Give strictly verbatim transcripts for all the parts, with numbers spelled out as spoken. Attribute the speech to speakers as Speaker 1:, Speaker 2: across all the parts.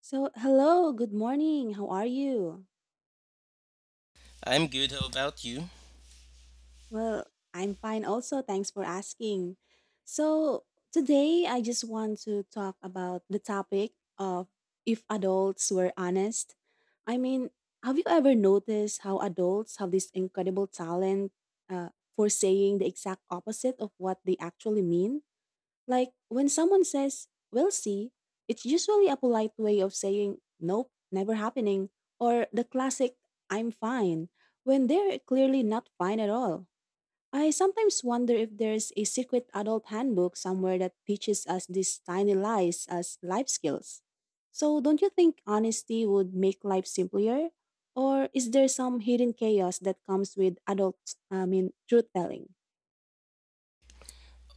Speaker 1: So, hello, good morning. How are you?
Speaker 2: I'm good. How about you?
Speaker 1: Well, I'm fine also. Thanks for asking. So, today I just want to talk about the topic of if adults were honest. I mean, have you ever noticed how adults have this incredible talent uh, for saying the exact opposite of what they actually mean? Like when someone says, we'll see, it's usually a polite way of saying, nope, never happening, or the classic, I'm fine, when they're clearly not fine at all. I sometimes wonder if there's a secret adult handbook somewhere that teaches us these tiny lies as life skills. So, don't you think honesty would make life simpler? Or is there some hidden chaos that comes with adult, I mean, truth telling?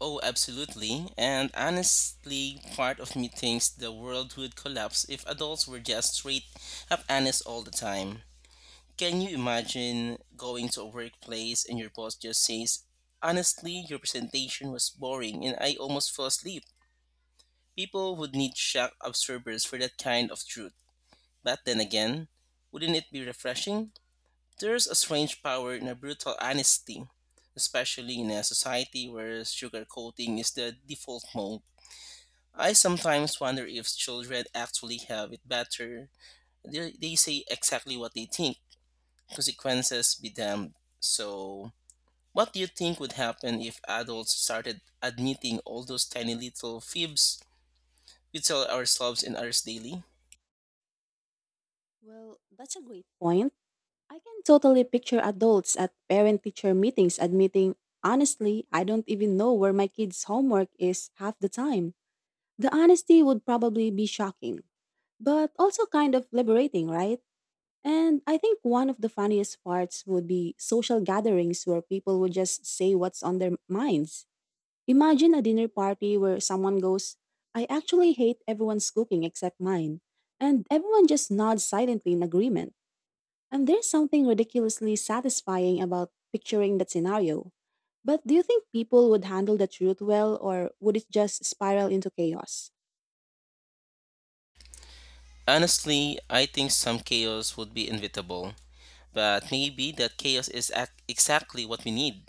Speaker 2: Oh, absolutely. And honestly, part of me thinks the world would collapse if adults were just straight up honest all the time. Can you imagine going to a workplace and your boss just says, "Honestly, your presentation was boring and I almost fell asleep?" People would need shock absorbers for that kind of truth. But then again, wouldn't it be refreshing? There's a strange power in a brutal honesty, especially in a society where sugarcoating is the default mode. I sometimes wonder if children actually have it better. They, they say exactly what they think, consequences be damned. So, what do you think would happen if adults started admitting all those tiny little fibs we tell ourselves and others daily?
Speaker 1: Well, that's a great point. I can totally picture adults at parent teacher meetings admitting, honestly, I don't even know where my kids' homework is half the time. The honesty would probably be shocking, but also kind of liberating, right? And I think one of the funniest parts would be social gatherings where people would just say what's on their minds. Imagine a dinner party where someone goes, I actually hate everyone's cooking except mine. And everyone just nods silently in agreement. And there's something ridiculously satisfying about picturing that scenario. But do you think people would handle the truth well, or would it just spiral into chaos?
Speaker 2: Honestly, I think some chaos would be inevitable. But maybe that chaos is ac- exactly what we need.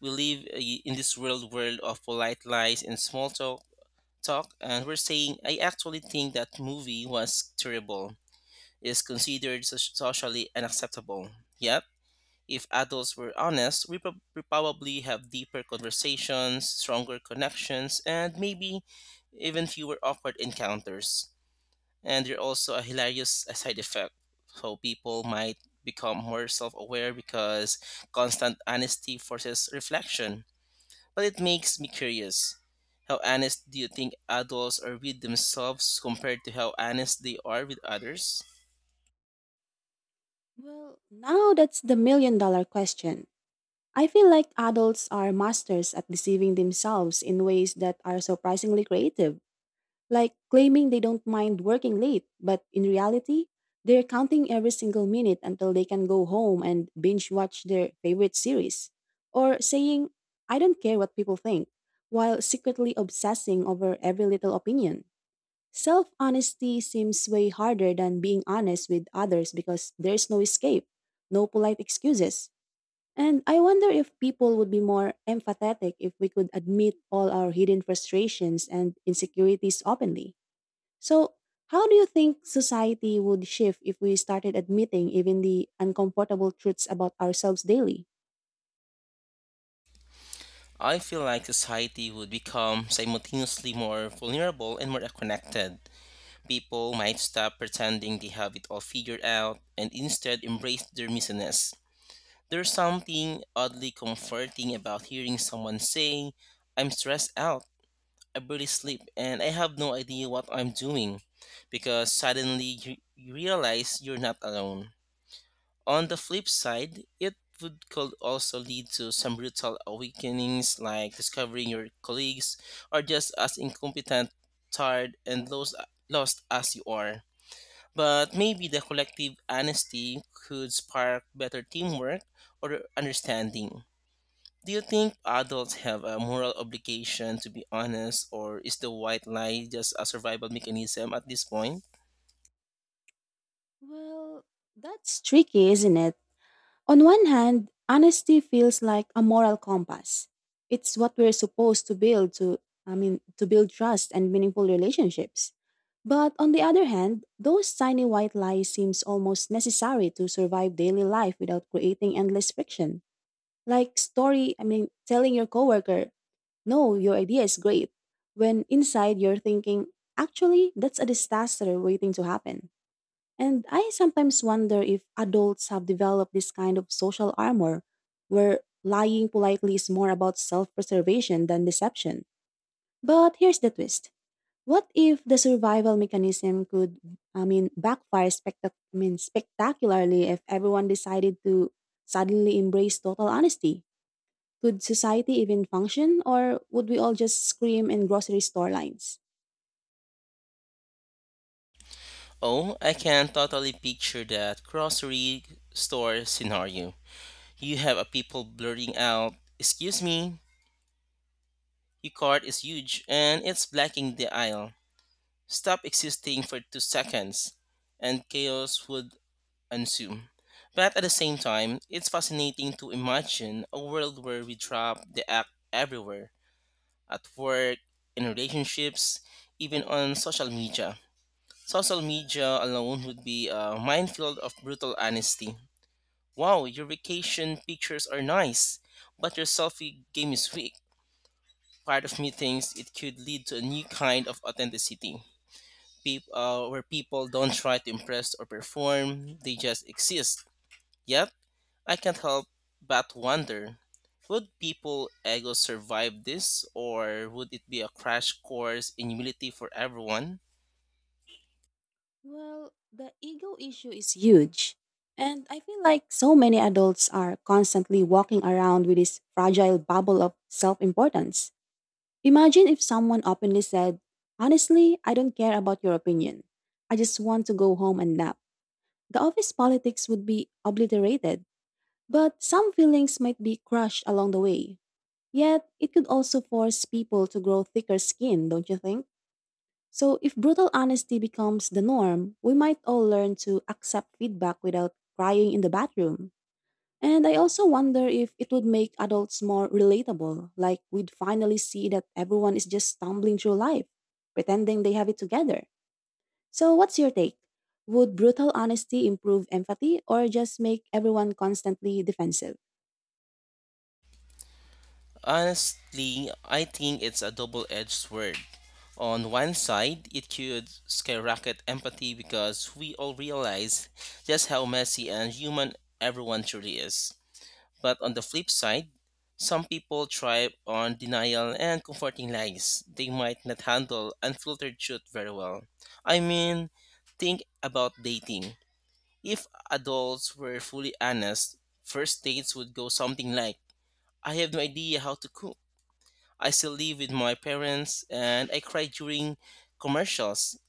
Speaker 2: We live uh, in this real world of polite lies and small talk, talk, and we're saying, I actually think that movie was terrible. It's considered so- socially unacceptable. Yep. If adults were honest, we, prob- we probably have deeper conversations, stronger connections, and maybe even fewer awkward encounters and they're also a hilarious side effect. So people might become more self aware because constant honesty forces reflection. But it makes me curious. How honest do you think adults are with themselves compared to how honest they are with others?
Speaker 1: Well, now that's the million dollar question. I feel like adults are masters at deceiving themselves in ways that are surprisingly creative. Like claiming they don't mind working late, but in reality, they're counting every single minute until they can go home and binge watch their favorite series. Or saying, I don't care what people think, while secretly obsessing over every little opinion. Self honesty seems way harder than being honest with others because there's no escape, no polite excuses. And I wonder if people would be more empathetic if we could admit all our hidden frustrations and insecurities openly. So, how do you think society would shift if we started admitting even the uncomfortable truths about ourselves daily?
Speaker 2: I feel like society would become simultaneously more vulnerable and more connected. People might stop pretending they have it all figured out and instead embrace their messiness. There's something oddly comforting about hearing someone say, I'm stressed out, I barely sleep, and I have no idea what I'm doing, because suddenly you, you realize you're not alone. On the flip side, it would could also lead to some brutal awakenings like discovering your colleagues are just as incompetent, tired, and lost, lost as you are. But maybe the collective honesty could spark better teamwork or understanding. Do you think adults have a moral obligation to be honest, or is the white lie just a survival mechanism at this point?
Speaker 1: Well, that's tricky, isn't it? On one hand, honesty feels like a moral compass. It's what we're supposed to build to I mean, to build trust and meaningful relationships. But on the other hand, those tiny white lies seems almost necessary to survive daily life without creating endless friction. Like story, I mean, telling your coworker, no, your idea is great. When inside you're thinking, actually, that's a disaster waiting to happen. And I sometimes wonder if adults have developed this kind of social armor where lying politely is more about self preservation than deception. But here's the twist. What if the survival mechanism could, I mean, backfire spectac- I mean, spectacularly if everyone decided to suddenly embrace total honesty? Could society even function, or would we all just scream in grocery store lines?
Speaker 2: Oh, I can totally picture that grocery store scenario. You have a people blurting out, Excuse me, your cart is huge and it's blocking the aisle. Stop existing for two seconds, and chaos would ensue. But at the same time, it's fascinating to imagine a world where we drop the act everywhere at work, in relationships, even on social media. Social media alone would be a minefield of brutal honesty. Wow, your vacation pictures are nice, but your selfie game is weak. Part of me thinks it could lead to a new kind of authenticity, peop- uh, where people don't try to impress or perform, they just exist. Yet, I can't help but wonder would people ego survive this, or would it be a crash course in humility for everyone?
Speaker 1: Well, the ego issue is huge. And I feel like so many adults are constantly walking around with this fragile bubble of self importance. Imagine if someone openly said, honestly, I don't care about your opinion. I just want to go home and nap. The office politics would be obliterated, but some feelings might be crushed along the way. Yet, it could also force people to grow thicker skin, don't you think? So, if brutal honesty becomes the norm, we might all learn to accept feedback without crying in the bathroom. And I also wonder if it would make adults more relatable, like we'd finally see that everyone is just stumbling through life, pretending they have it together. So, what's your take? Would brutal honesty improve empathy or just make everyone constantly defensive?
Speaker 2: Honestly, I think it's a double edged sword. On one side, it could skyrocket empathy because we all realize just how messy and human everyone truly is. But on the flip side, some people thrive on denial and comforting lies. They might not handle unfiltered truth very well. I mean, think about dating. If adults were fully honest, first dates would go something like I have no idea how to cook. I still live with my parents and I cry during commercials.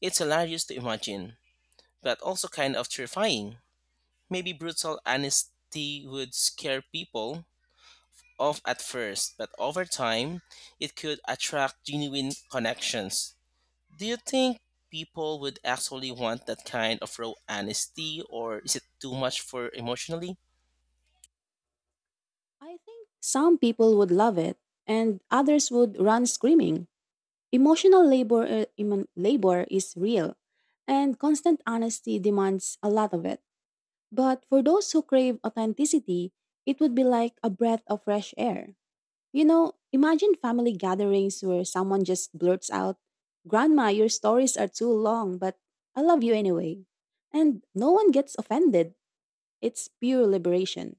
Speaker 2: It's hilarious to imagine, but also kind of terrifying. Maybe brutal honesty would scare people off at first, but over time, it could attract genuine connections. Do you think people would actually want that kind of raw honesty, or is it too much for emotionally?
Speaker 1: I think some people would love it and others would run screaming. Emotional labor, uh, emo- labor is real, and constant honesty demands a lot of it. But for those who crave authenticity, it would be like a breath of fresh air. You know, imagine family gatherings where someone just blurts out, Grandma, your stories are too long, but I love you anyway. And no one gets offended. It's pure liberation.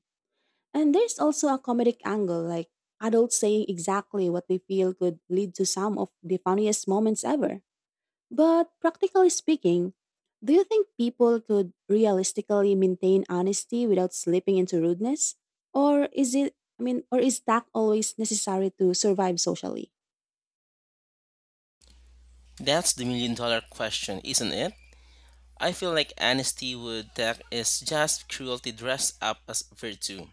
Speaker 1: And there's also a comedic angle, like adults saying exactly what they feel could lead to some of the funniest moments ever. But practically speaking, do you think people could realistically maintain honesty without slipping into rudeness? Or is it, I mean, or is tact always necessary to survive socially?
Speaker 2: That's the million dollar question, isn't it? I feel like honesty would that is just cruelty dressed up as virtue.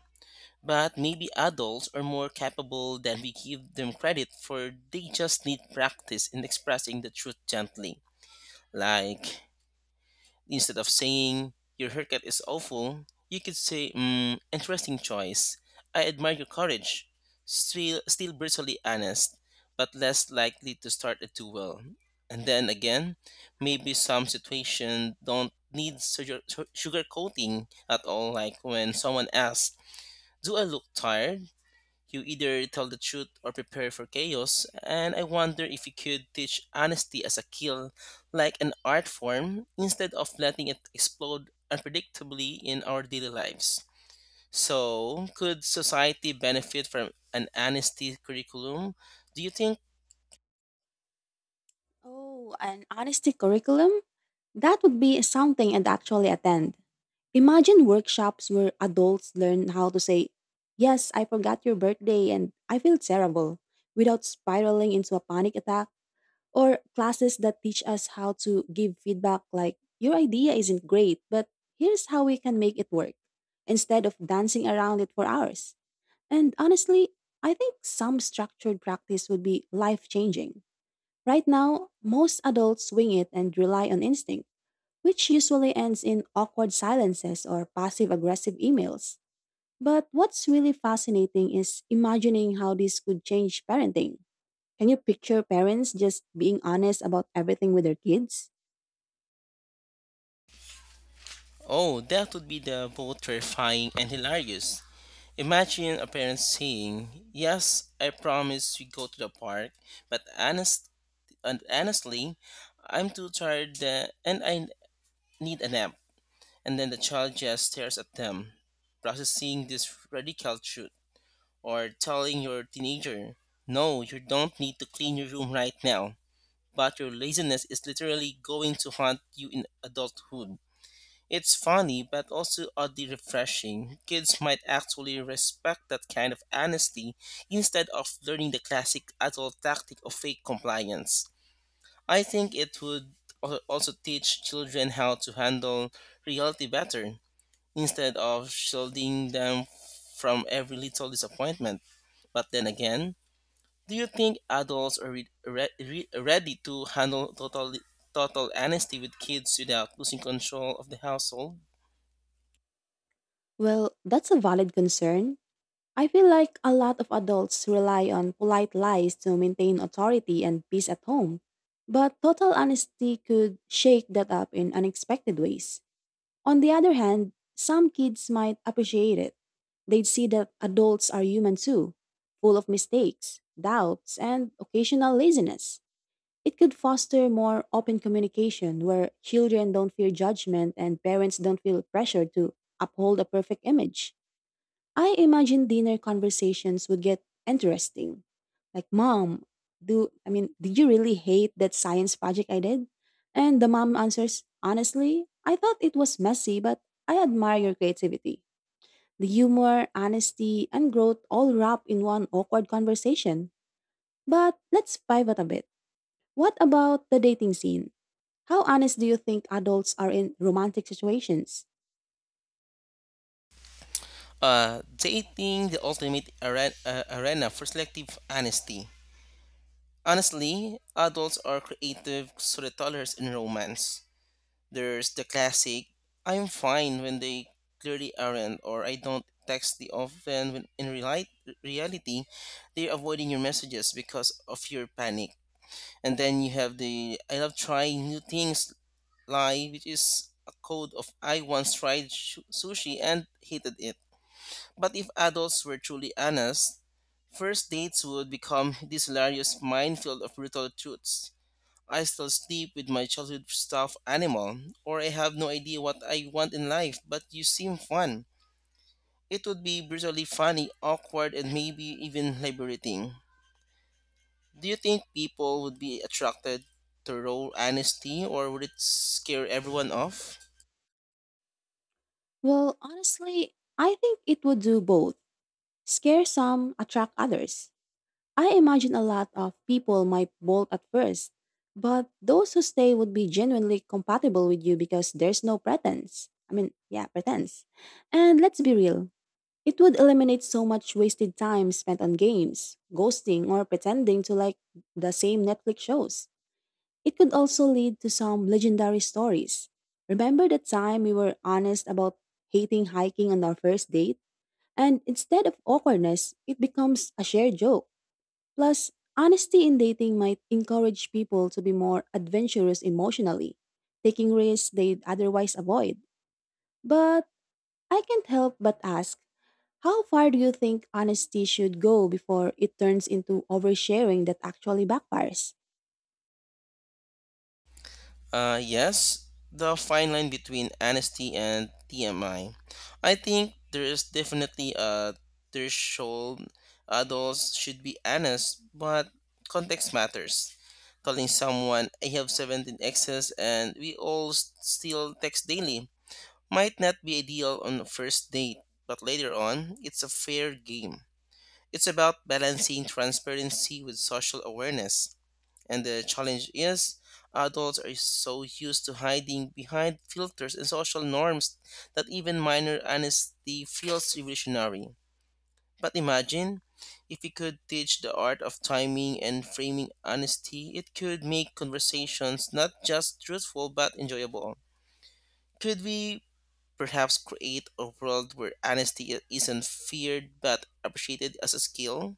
Speaker 2: But maybe adults are more capable than we give them credit for they just need practice in expressing the truth gently. Like instead of saying, Your haircut is awful, you could say, mm, Interesting choice. I admire your courage. Still, still brutally honest, but less likely to start a duel. And then again, maybe some situation don't need sugar, sugar coating at all, like when someone asks, Do I look tired? You either tell the truth or prepare for chaos, and I wonder if you could teach honesty as a skill, like an art form, instead of letting it explode unpredictably in our daily lives. So, could society benefit from an honesty curriculum? Do you think?
Speaker 1: Oh, an honesty curriculum? That would be something I'd actually attend. Imagine workshops where adults learn how to say, yes, I forgot your birthday and I feel terrible, without spiraling into a panic attack, or classes that teach us how to give feedback like, your idea isn't great, but here's how we can make it work, instead of dancing around it for hours. And honestly, I think some structured practice would be life changing. Right now, most adults wing it and rely on instinct, which usually ends in awkward silences or passive aggressive emails. But what's really fascinating is imagining how this could change parenting. Can you picture parents just being honest about everything with their kids?
Speaker 2: Oh, that would be the both terrifying and hilarious. Imagine a parent saying, Yes, I promise we go to the park, but honest and honestly, I'm too tired uh, and I need a nap. And then the child just stares at them, processing this radical truth, or telling your teenager, no, you don't need to clean your room right now, but your laziness is literally going to haunt you in adulthood. It's funny, but also oddly refreshing. Kids might actually respect that kind of honesty instead of learning the classic adult tactic of fake compliance. I think it would al- also teach children how to handle reality better instead of shielding them from every little disappointment. But then again, do you think adults are re- re- re- ready to handle total total honesty with kids without losing control of the household?
Speaker 1: Well, that's a valid concern. I feel like a lot of adults rely on polite lies to maintain authority and peace at home. But total honesty could shake that up in unexpected ways. On the other hand, some kids might appreciate it. They'd see that adults are human too, full of mistakes, doubts, and occasional laziness. It could foster more open communication where children don't fear judgment and parents don't feel pressured to uphold a perfect image. I imagine dinner conversations would get interesting. Like, mom, do I mean, did you really hate that science project I did? And the mom answers, honestly, I thought it was messy, but I admire your creativity. The humor, honesty, and growth all wrapped in one awkward conversation. But let's pivot a bit. What about the dating scene? How honest do you think adults are in romantic situations?
Speaker 2: Uh, dating the ultimate are- uh, arena for selective honesty. Honestly, adults are creative storytellers in romance. There's the classic, I'm fine when they clearly aren't, or I don't text the often when in reali- reality, they're avoiding your messages because of your panic. And then you have the I love trying new things lie, which is a code of I once tried sh- sushi and hated it. But if adults were truly honest, first dates would become this hilarious minefield of brutal truths. I still sleep with my childhood stuffed animal, or I have no idea what I want in life, but you seem fun. It would be brutally funny, awkward, and maybe even liberating. Do you think people would be attracted to raw honesty, or would it scare everyone off?
Speaker 1: Well, honestly, I think it would do both. Scare some, attract others. I imagine a lot of people might bolt at first, but those who stay would be genuinely compatible with you because there's no pretense. I mean, yeah, pretense. And let's be real, it would eliminate so much wasted time spent on games, ghosting, or pretending to like the same Netflix shows. It could also lead to some legendary stories. Remember the time we were honest about hating hiking on our first date? And instead of awkwardness, it becomes a shared joke. Plus, honesty in dating might encourage people to be more adventurous emotionally, taking risks they'd otherwise avoid. But I can't help but ask, how far do you think honesty should go before it turns into oversharing that actually backfires?
Speaker 2: Uh, yes, the fine line between honesty and T M I. I I think there is definitely a threshold. Adults should be honest, but context matters. Telling someone I have seventeen exes and we all s- still text daily might not be ideal on the first date, but later on, it's a fair game. It's about balancing transparency with social awareness. And the challenge is adults are so used to hiding behind filters and social norms that even minor honesty feels revolutionary. But imagine if we could teach the art of timing and framing honesty, it could make conversations not just truthful but enjoyable. Could we perhaps create a world where honesty isn't feared but appreciated as a skill?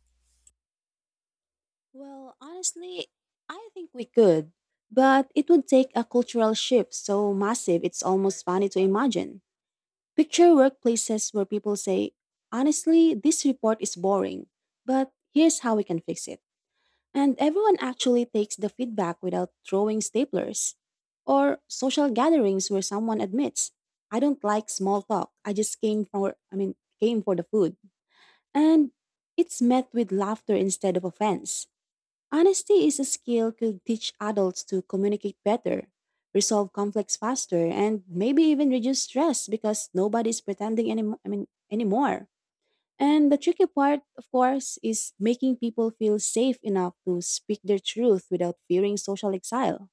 Speaker 1: Well, honestly, I think we could. But it would take a cultural shift so massive it's almost funny to imagine. Picture workplaces where people say, honestly, this report is boring, but here's how we can fix it. And everyone actually takes the feedback without throwing staplers. Or social gatherings where someone admits, I don't like small talk. I just came for I mean came for the food. And it's met with laughter instead of offense. Honesty is a skill could teach adults to communicate better, resolve conflicts faster, and maybe even reduce stress because nobody's pretending any I mean anymore. And the tricky part, of course, is making people feel safe enough to speak their truth without fearing social exile.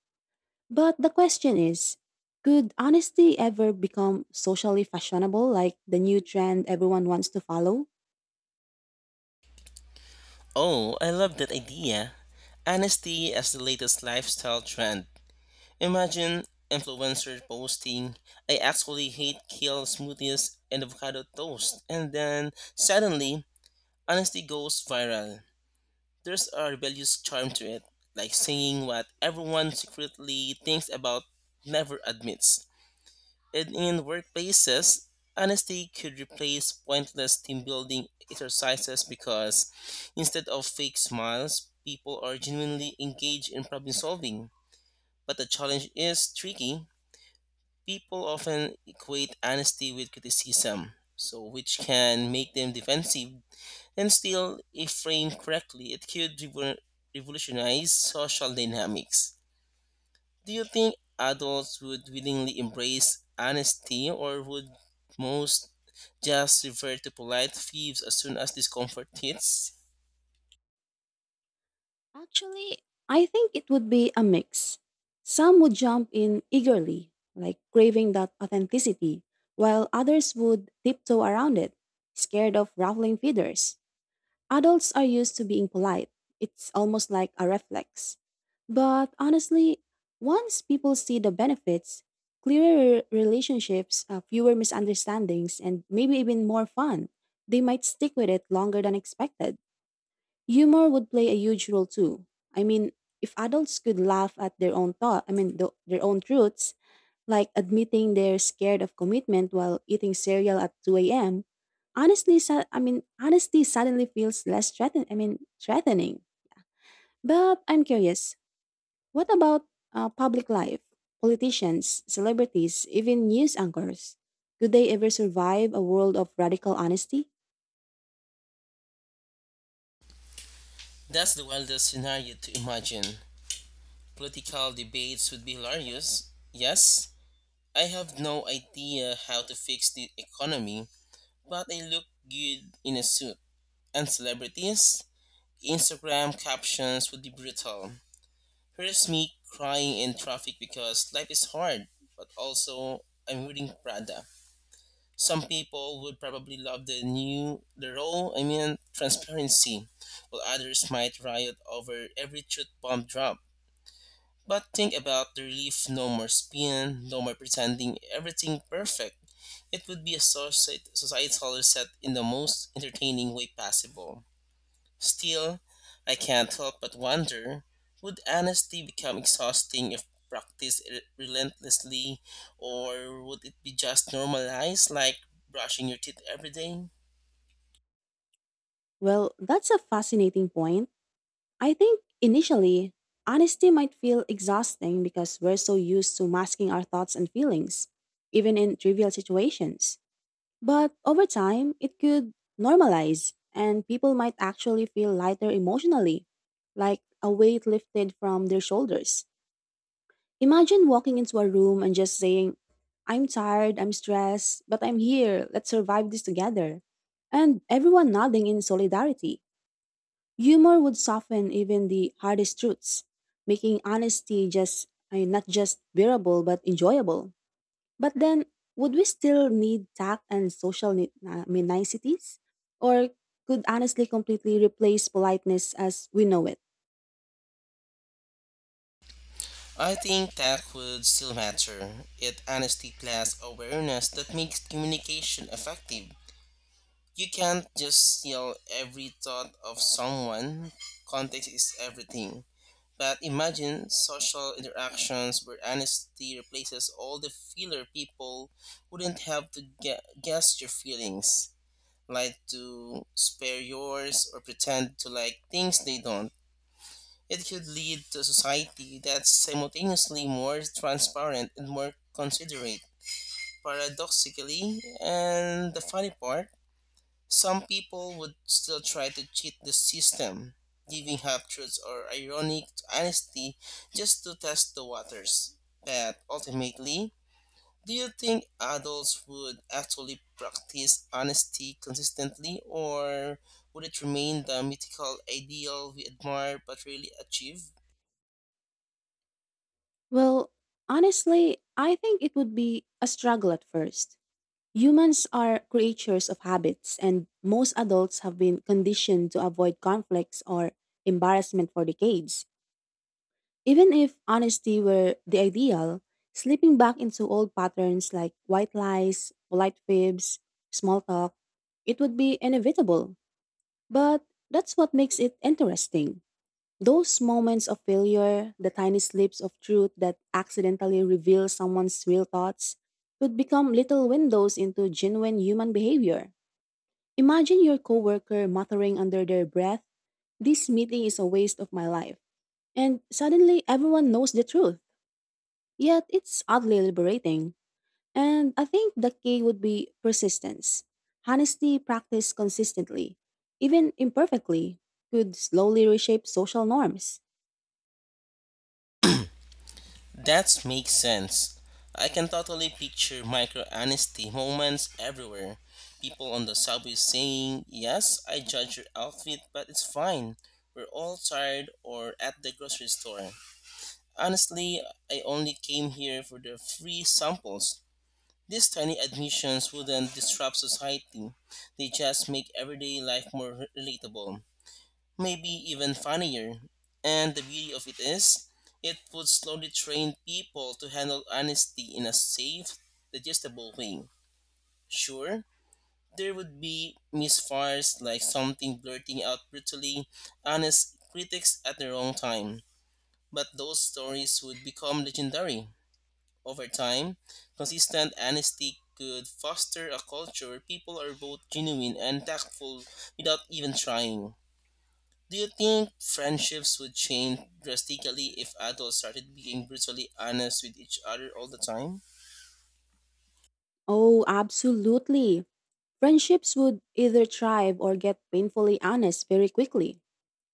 Speaker 1: But the question is, could honesty ever become socially fashionable like the new trend everyone wants to follow?
Speaker 2: Oh, I love that idea. Honesty as the latest lifestyle trend. Imagine influencers boasting, I actually hate kale smoothies and avocado toast. And then suddenly, honesty goes viral. There's a rebellious charm to it, like saying what everyone secretly thinks about never admits. And in workplaces, honesty could replace pointless team building exercises because instead of fake smiles, people are genuinely engaged in problem solving. But the challenge is tricky. People often equate honesty with criticism, so which can make them defensive. And still, if framed correctly, it could revo- revolutionize social dynamics. Do you think adults would willingly embrace honesty, or would most just revert to polite thieves as soon as discomfort hits?
Speaker 1: Actually, I think it would be a mix. Some would jump in eagerly, like craving that authenticity, while others would tiptoe around it, scared of ruffling feathers. Adults are used to being polite, it's almost like a reflex. But honestly, once people see the benefits, clearer relationships, uh, fewer misunderstandings, and maybe even more fun, they might stick with it longer than expected. Humor would play a huge role too. I mean, if adults could laugh at their own thought, I mean, th- their own truths, like admitting they're scared of commitment while eating cereal at two a m, honestly, su- I mean, honesty suddenly feels less threatening. I mean, threatening. But I'm curious, what about uh, public life? Politicians, celebrities, even news anchors? Could they ever survive a world of radical honesty?
Speaker 2: That's the wildest scenario to imagine. Political debates would be hilarious, yes. I have no idea how to fix the economy, but I look good in a suit. And celebrities? Instagram captions would be brutal. Here's me crying in traffic because life is hard, but also I'm reading Prada. Some people would probably love the new, the role, I mean, transparency, while others might riot over every truth bomb drop. But think about the relief no more spin, no more pretending everything perfect. It would be a societ- societal reset in the most entertaining way possible. Still, I can't help but wonder would honesty become exhausting if practiced re- relentlessly, or would it be just normalized like brushing your teeth every day?
Speaker 1: Well, that's a fascinating point. I think initially, honesty might feel exhausting because we're so used to masking our thoughts and feelings, even in trivial situations. But over time, it could normalize, and people might actually feel lighter emotionally, like a weight lifted from their shoulders. Imagine walking into a room and just saying, I'm tired, I'm stressed, but I'm here, let's survive this together. And everyone nodding in solidarity. Humor would soften even the hardest truths, making honesty just I mean, not just bearable but enjoyable. But then, would we still need tact and social ni- I mean, niceties, or could honestly completely replace politeness as we know it?
Speaker 2: I think that would still matter. It honesty plus awareness that makes communication effective. You can't just yell every thought of someone. Context is everything. But imagine social interactions where honesty replaces all the filler people wouldn't have to gue- guess your feelings, like to spare yours or pretend to like things they don't. It could lead to a society that's simultaneously more transparent and more considerate. Paradoxically, and the funny part, some people would still try to cheat the system, giving half truths or ironic honesty just to test the waters. But ultimately, do you think adults would actually practice honesty consistently, or would it remain the mythical ideal we admire but rarely achieve?
Speaker 1: Well, honestly, I think it would be a struggle at first. Humans are creatures of habits, and most adults have been conditioned to avoid conflicts or embarrassment for decades. Even if honesty were the ideal, slipping back into old patterns like white lies, polite fibs, small talk, it would be inevitable. But that's what makes it interesting. Those moments of failure, the tiny slips of truth that accidentally reveal someone's real thoughts, could become little windows into genuine human behavior. Imagine your coworker muttering under their breath, this meeting is a waste of my life. And suddenly everyone knows the truth. Yet it's oddly liberating. And I think the key would be persistence. Honesty practiced consistently, even imperfectly, could slowly reshape social norms.
Speaker 2: That makes sense. I can totally picture micro honesty moments everywhere. People on the subway saying, Yes, I judge your outfit, but it's fine. We're all tired or at the grocery store. Honestly, I only came here for the free samples. These tiny admissions wouldn't disrupt society, they just make everyday life more relatable maybe even funnier. And the beauty of it is, it would slowly train people to handle honesty in a safe, digestible way. Sure, there would be misfires like something blurting out brutally honest critics at the wrong time, but those stories would become legendary. Over time, consistent honesty could foster a culture where people are both genuine and tactful without even trying. Do you think friendships would change drastically if adults started being brutally honest with each other all the time?
Speaker 1: Oh, absolutely. Friendships would either thrive or get painfully honest very quickly.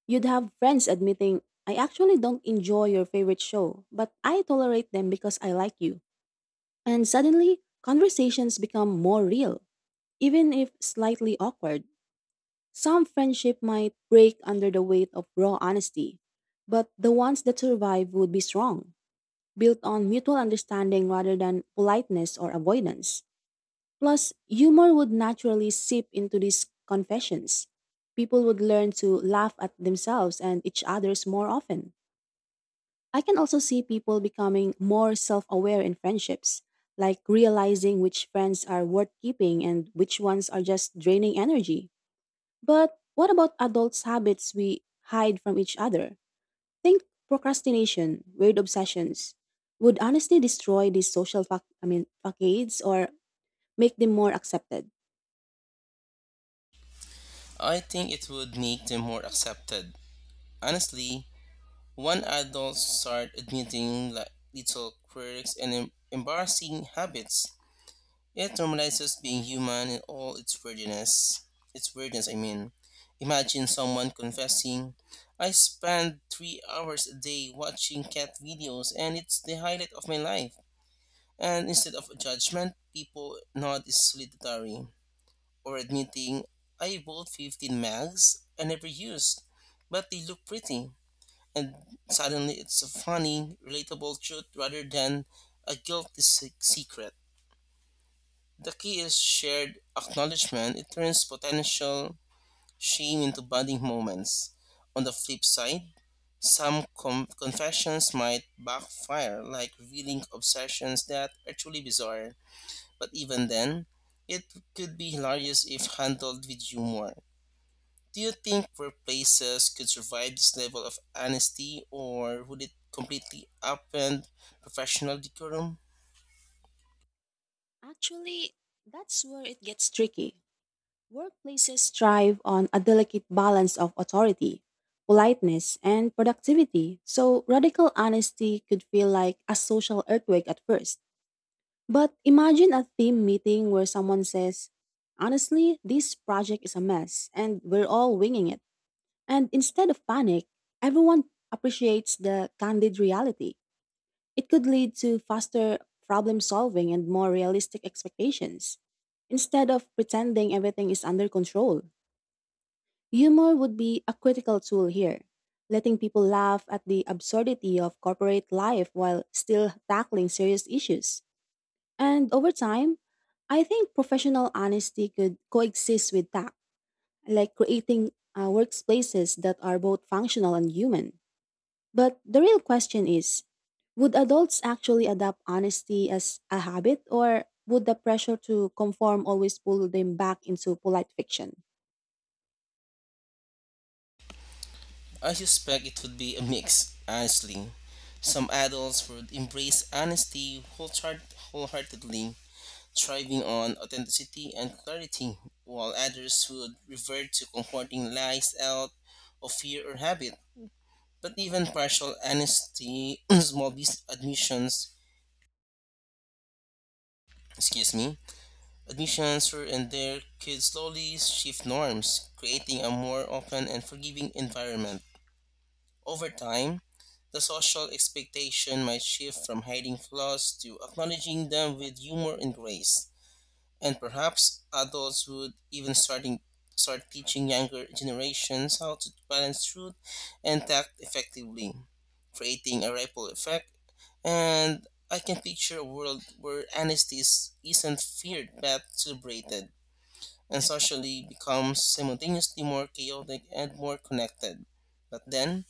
Speaker 1: You'd have friends admitting, I actually don't enjoy your favorite show, but I tolerate them because I like you. And suddenly, conversations become more real, even if slightly awkward. Some friendship might break under the weight of raw honesty, but the ones that survive would be strong, built on mutual understanding rather than politeness or avoidance. Plus, humor would naturally seep into these confessions. People would learn to laugh at themselves and each other's more often. I can also see people becoming more self aware in friendships, like realizing which friends are worth keeping and which ones are just draining energy. But what about adults' habits we hide from each other? Think procrastination, weird obsessions. Would honesty destroy these social fac- I mean facades or make them more accepted?
Speaker 2: I think it would make them more accepted. Honestly, when adults start admitting like little quirks and em- embarrassing habits, it normalizes being human in all its weirdness. Its weirdness, I mean. Imagine someone confessing, I spend three hours a day watching cat videos and it's the highlight of my life. And instead of judgment, people nod in solidarity or admitting, I bought fifteen mags I never used, but they look pretty. And suddenly it's a funny, relatable truth rather than a guilty se- secret. The key is shared acknowledgement. It turns potential shame into bonding moments. On the flip side, some com- confessions might backfire, like revealing obsessions that are truly bizarre but even then, it could be hilarious if handled with humor. Do you think workplaces could survive this level of honesty, or would it completely upend professional decorum?
Speaker 1: Actually, that's where it gets tricky. Workplaces thrive on a delicate balance of authority, politeness, and productivity, so radical honesty could feel like a social earthquake at first. But imagine a team meeting where someone says, honestly, this project is a mess and we're all winging it. And instead of panic, everyone appreciates the candid reality. It could lead to faster problem solving and more realistic expectations. Instead of pretending everything is under control, humor would be a critical tool here, letting people laugh at the absurdity of corporate life while still tackling serious issues. And over time, I think professional honesty could coexist with tact, like creating uh, workplaces that are both functional and human. But the real question is, would adults actually adopt honesty as a habit, or would the pressure to conform always pull them back into polite fiction?
Speaker 2: I suspect it would be a mix, honestly. Some adults would embrace honesty wholehart- wholeheartedly, thriving on authenticity and clarity, while others would revert to comforting lies out of fear or habit. But even partial amnesty, small business admissions, excuse me, admissions were and there could slowly shift norms, creating a more open and forgiving environment. Over time, the social expectation might shift from hiding flaws to acknowledging them with humor and grace. And perhaps adults would even starting start teaching younger generations how to balance truth and tact effectively, creating a ripple effect. And I can picture a world where honesty is- isn't feared but celebrated, and socially becomes simultaneously more chaotic and more connected. But then,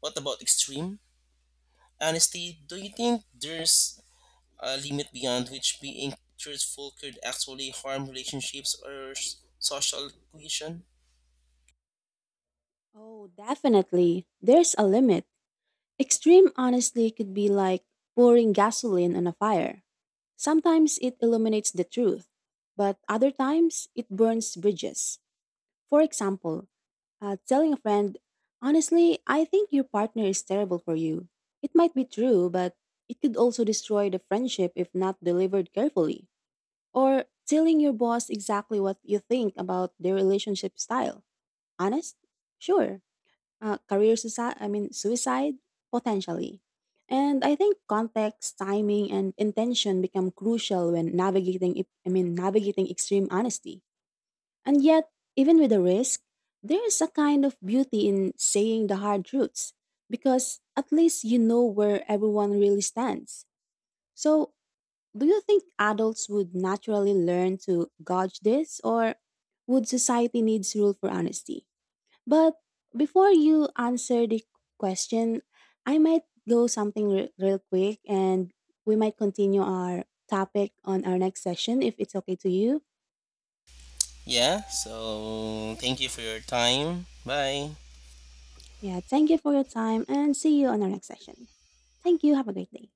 Speaker 2: what about extreme honesty? Do you think there's a limit beyond which being truthful could actually harm relationships or s- social cohesion.
Speaker 1: Oh, definitely. There's a limit. Extreme honesty could be like pouring gasoline on a fire. Sometimes it illuminates the truth, but other times it burns bridges. For example, uh, telling a friend, honestly, I think your partner is terrible for you. It might be true, but it could also destroy the friendship if not delivered carefully. Or telling your boss exactly what you think about their relationship style. Honest? Sure, uh, career suicide, I mean suicide potentially. And I think context, timing, and intention become crucial when navigating. Ex- I mean, navigating extreme honesty. And yet, even with the risk, there is a kind of beauty in saying the hard truths because at least you know where everyone really stands. So, do you think adults would naturally learn to gauge this, or would society needs rule for honesty? But before you answer the question, I might go something re- real quick and we might continue our topic on our next session if it's okay to you.
Speaker 2: Yeah, so thank you for your time. Bye.
Speaker 1: Yeah, thank you for your time and see you on our next session. Thank you. Have a great day.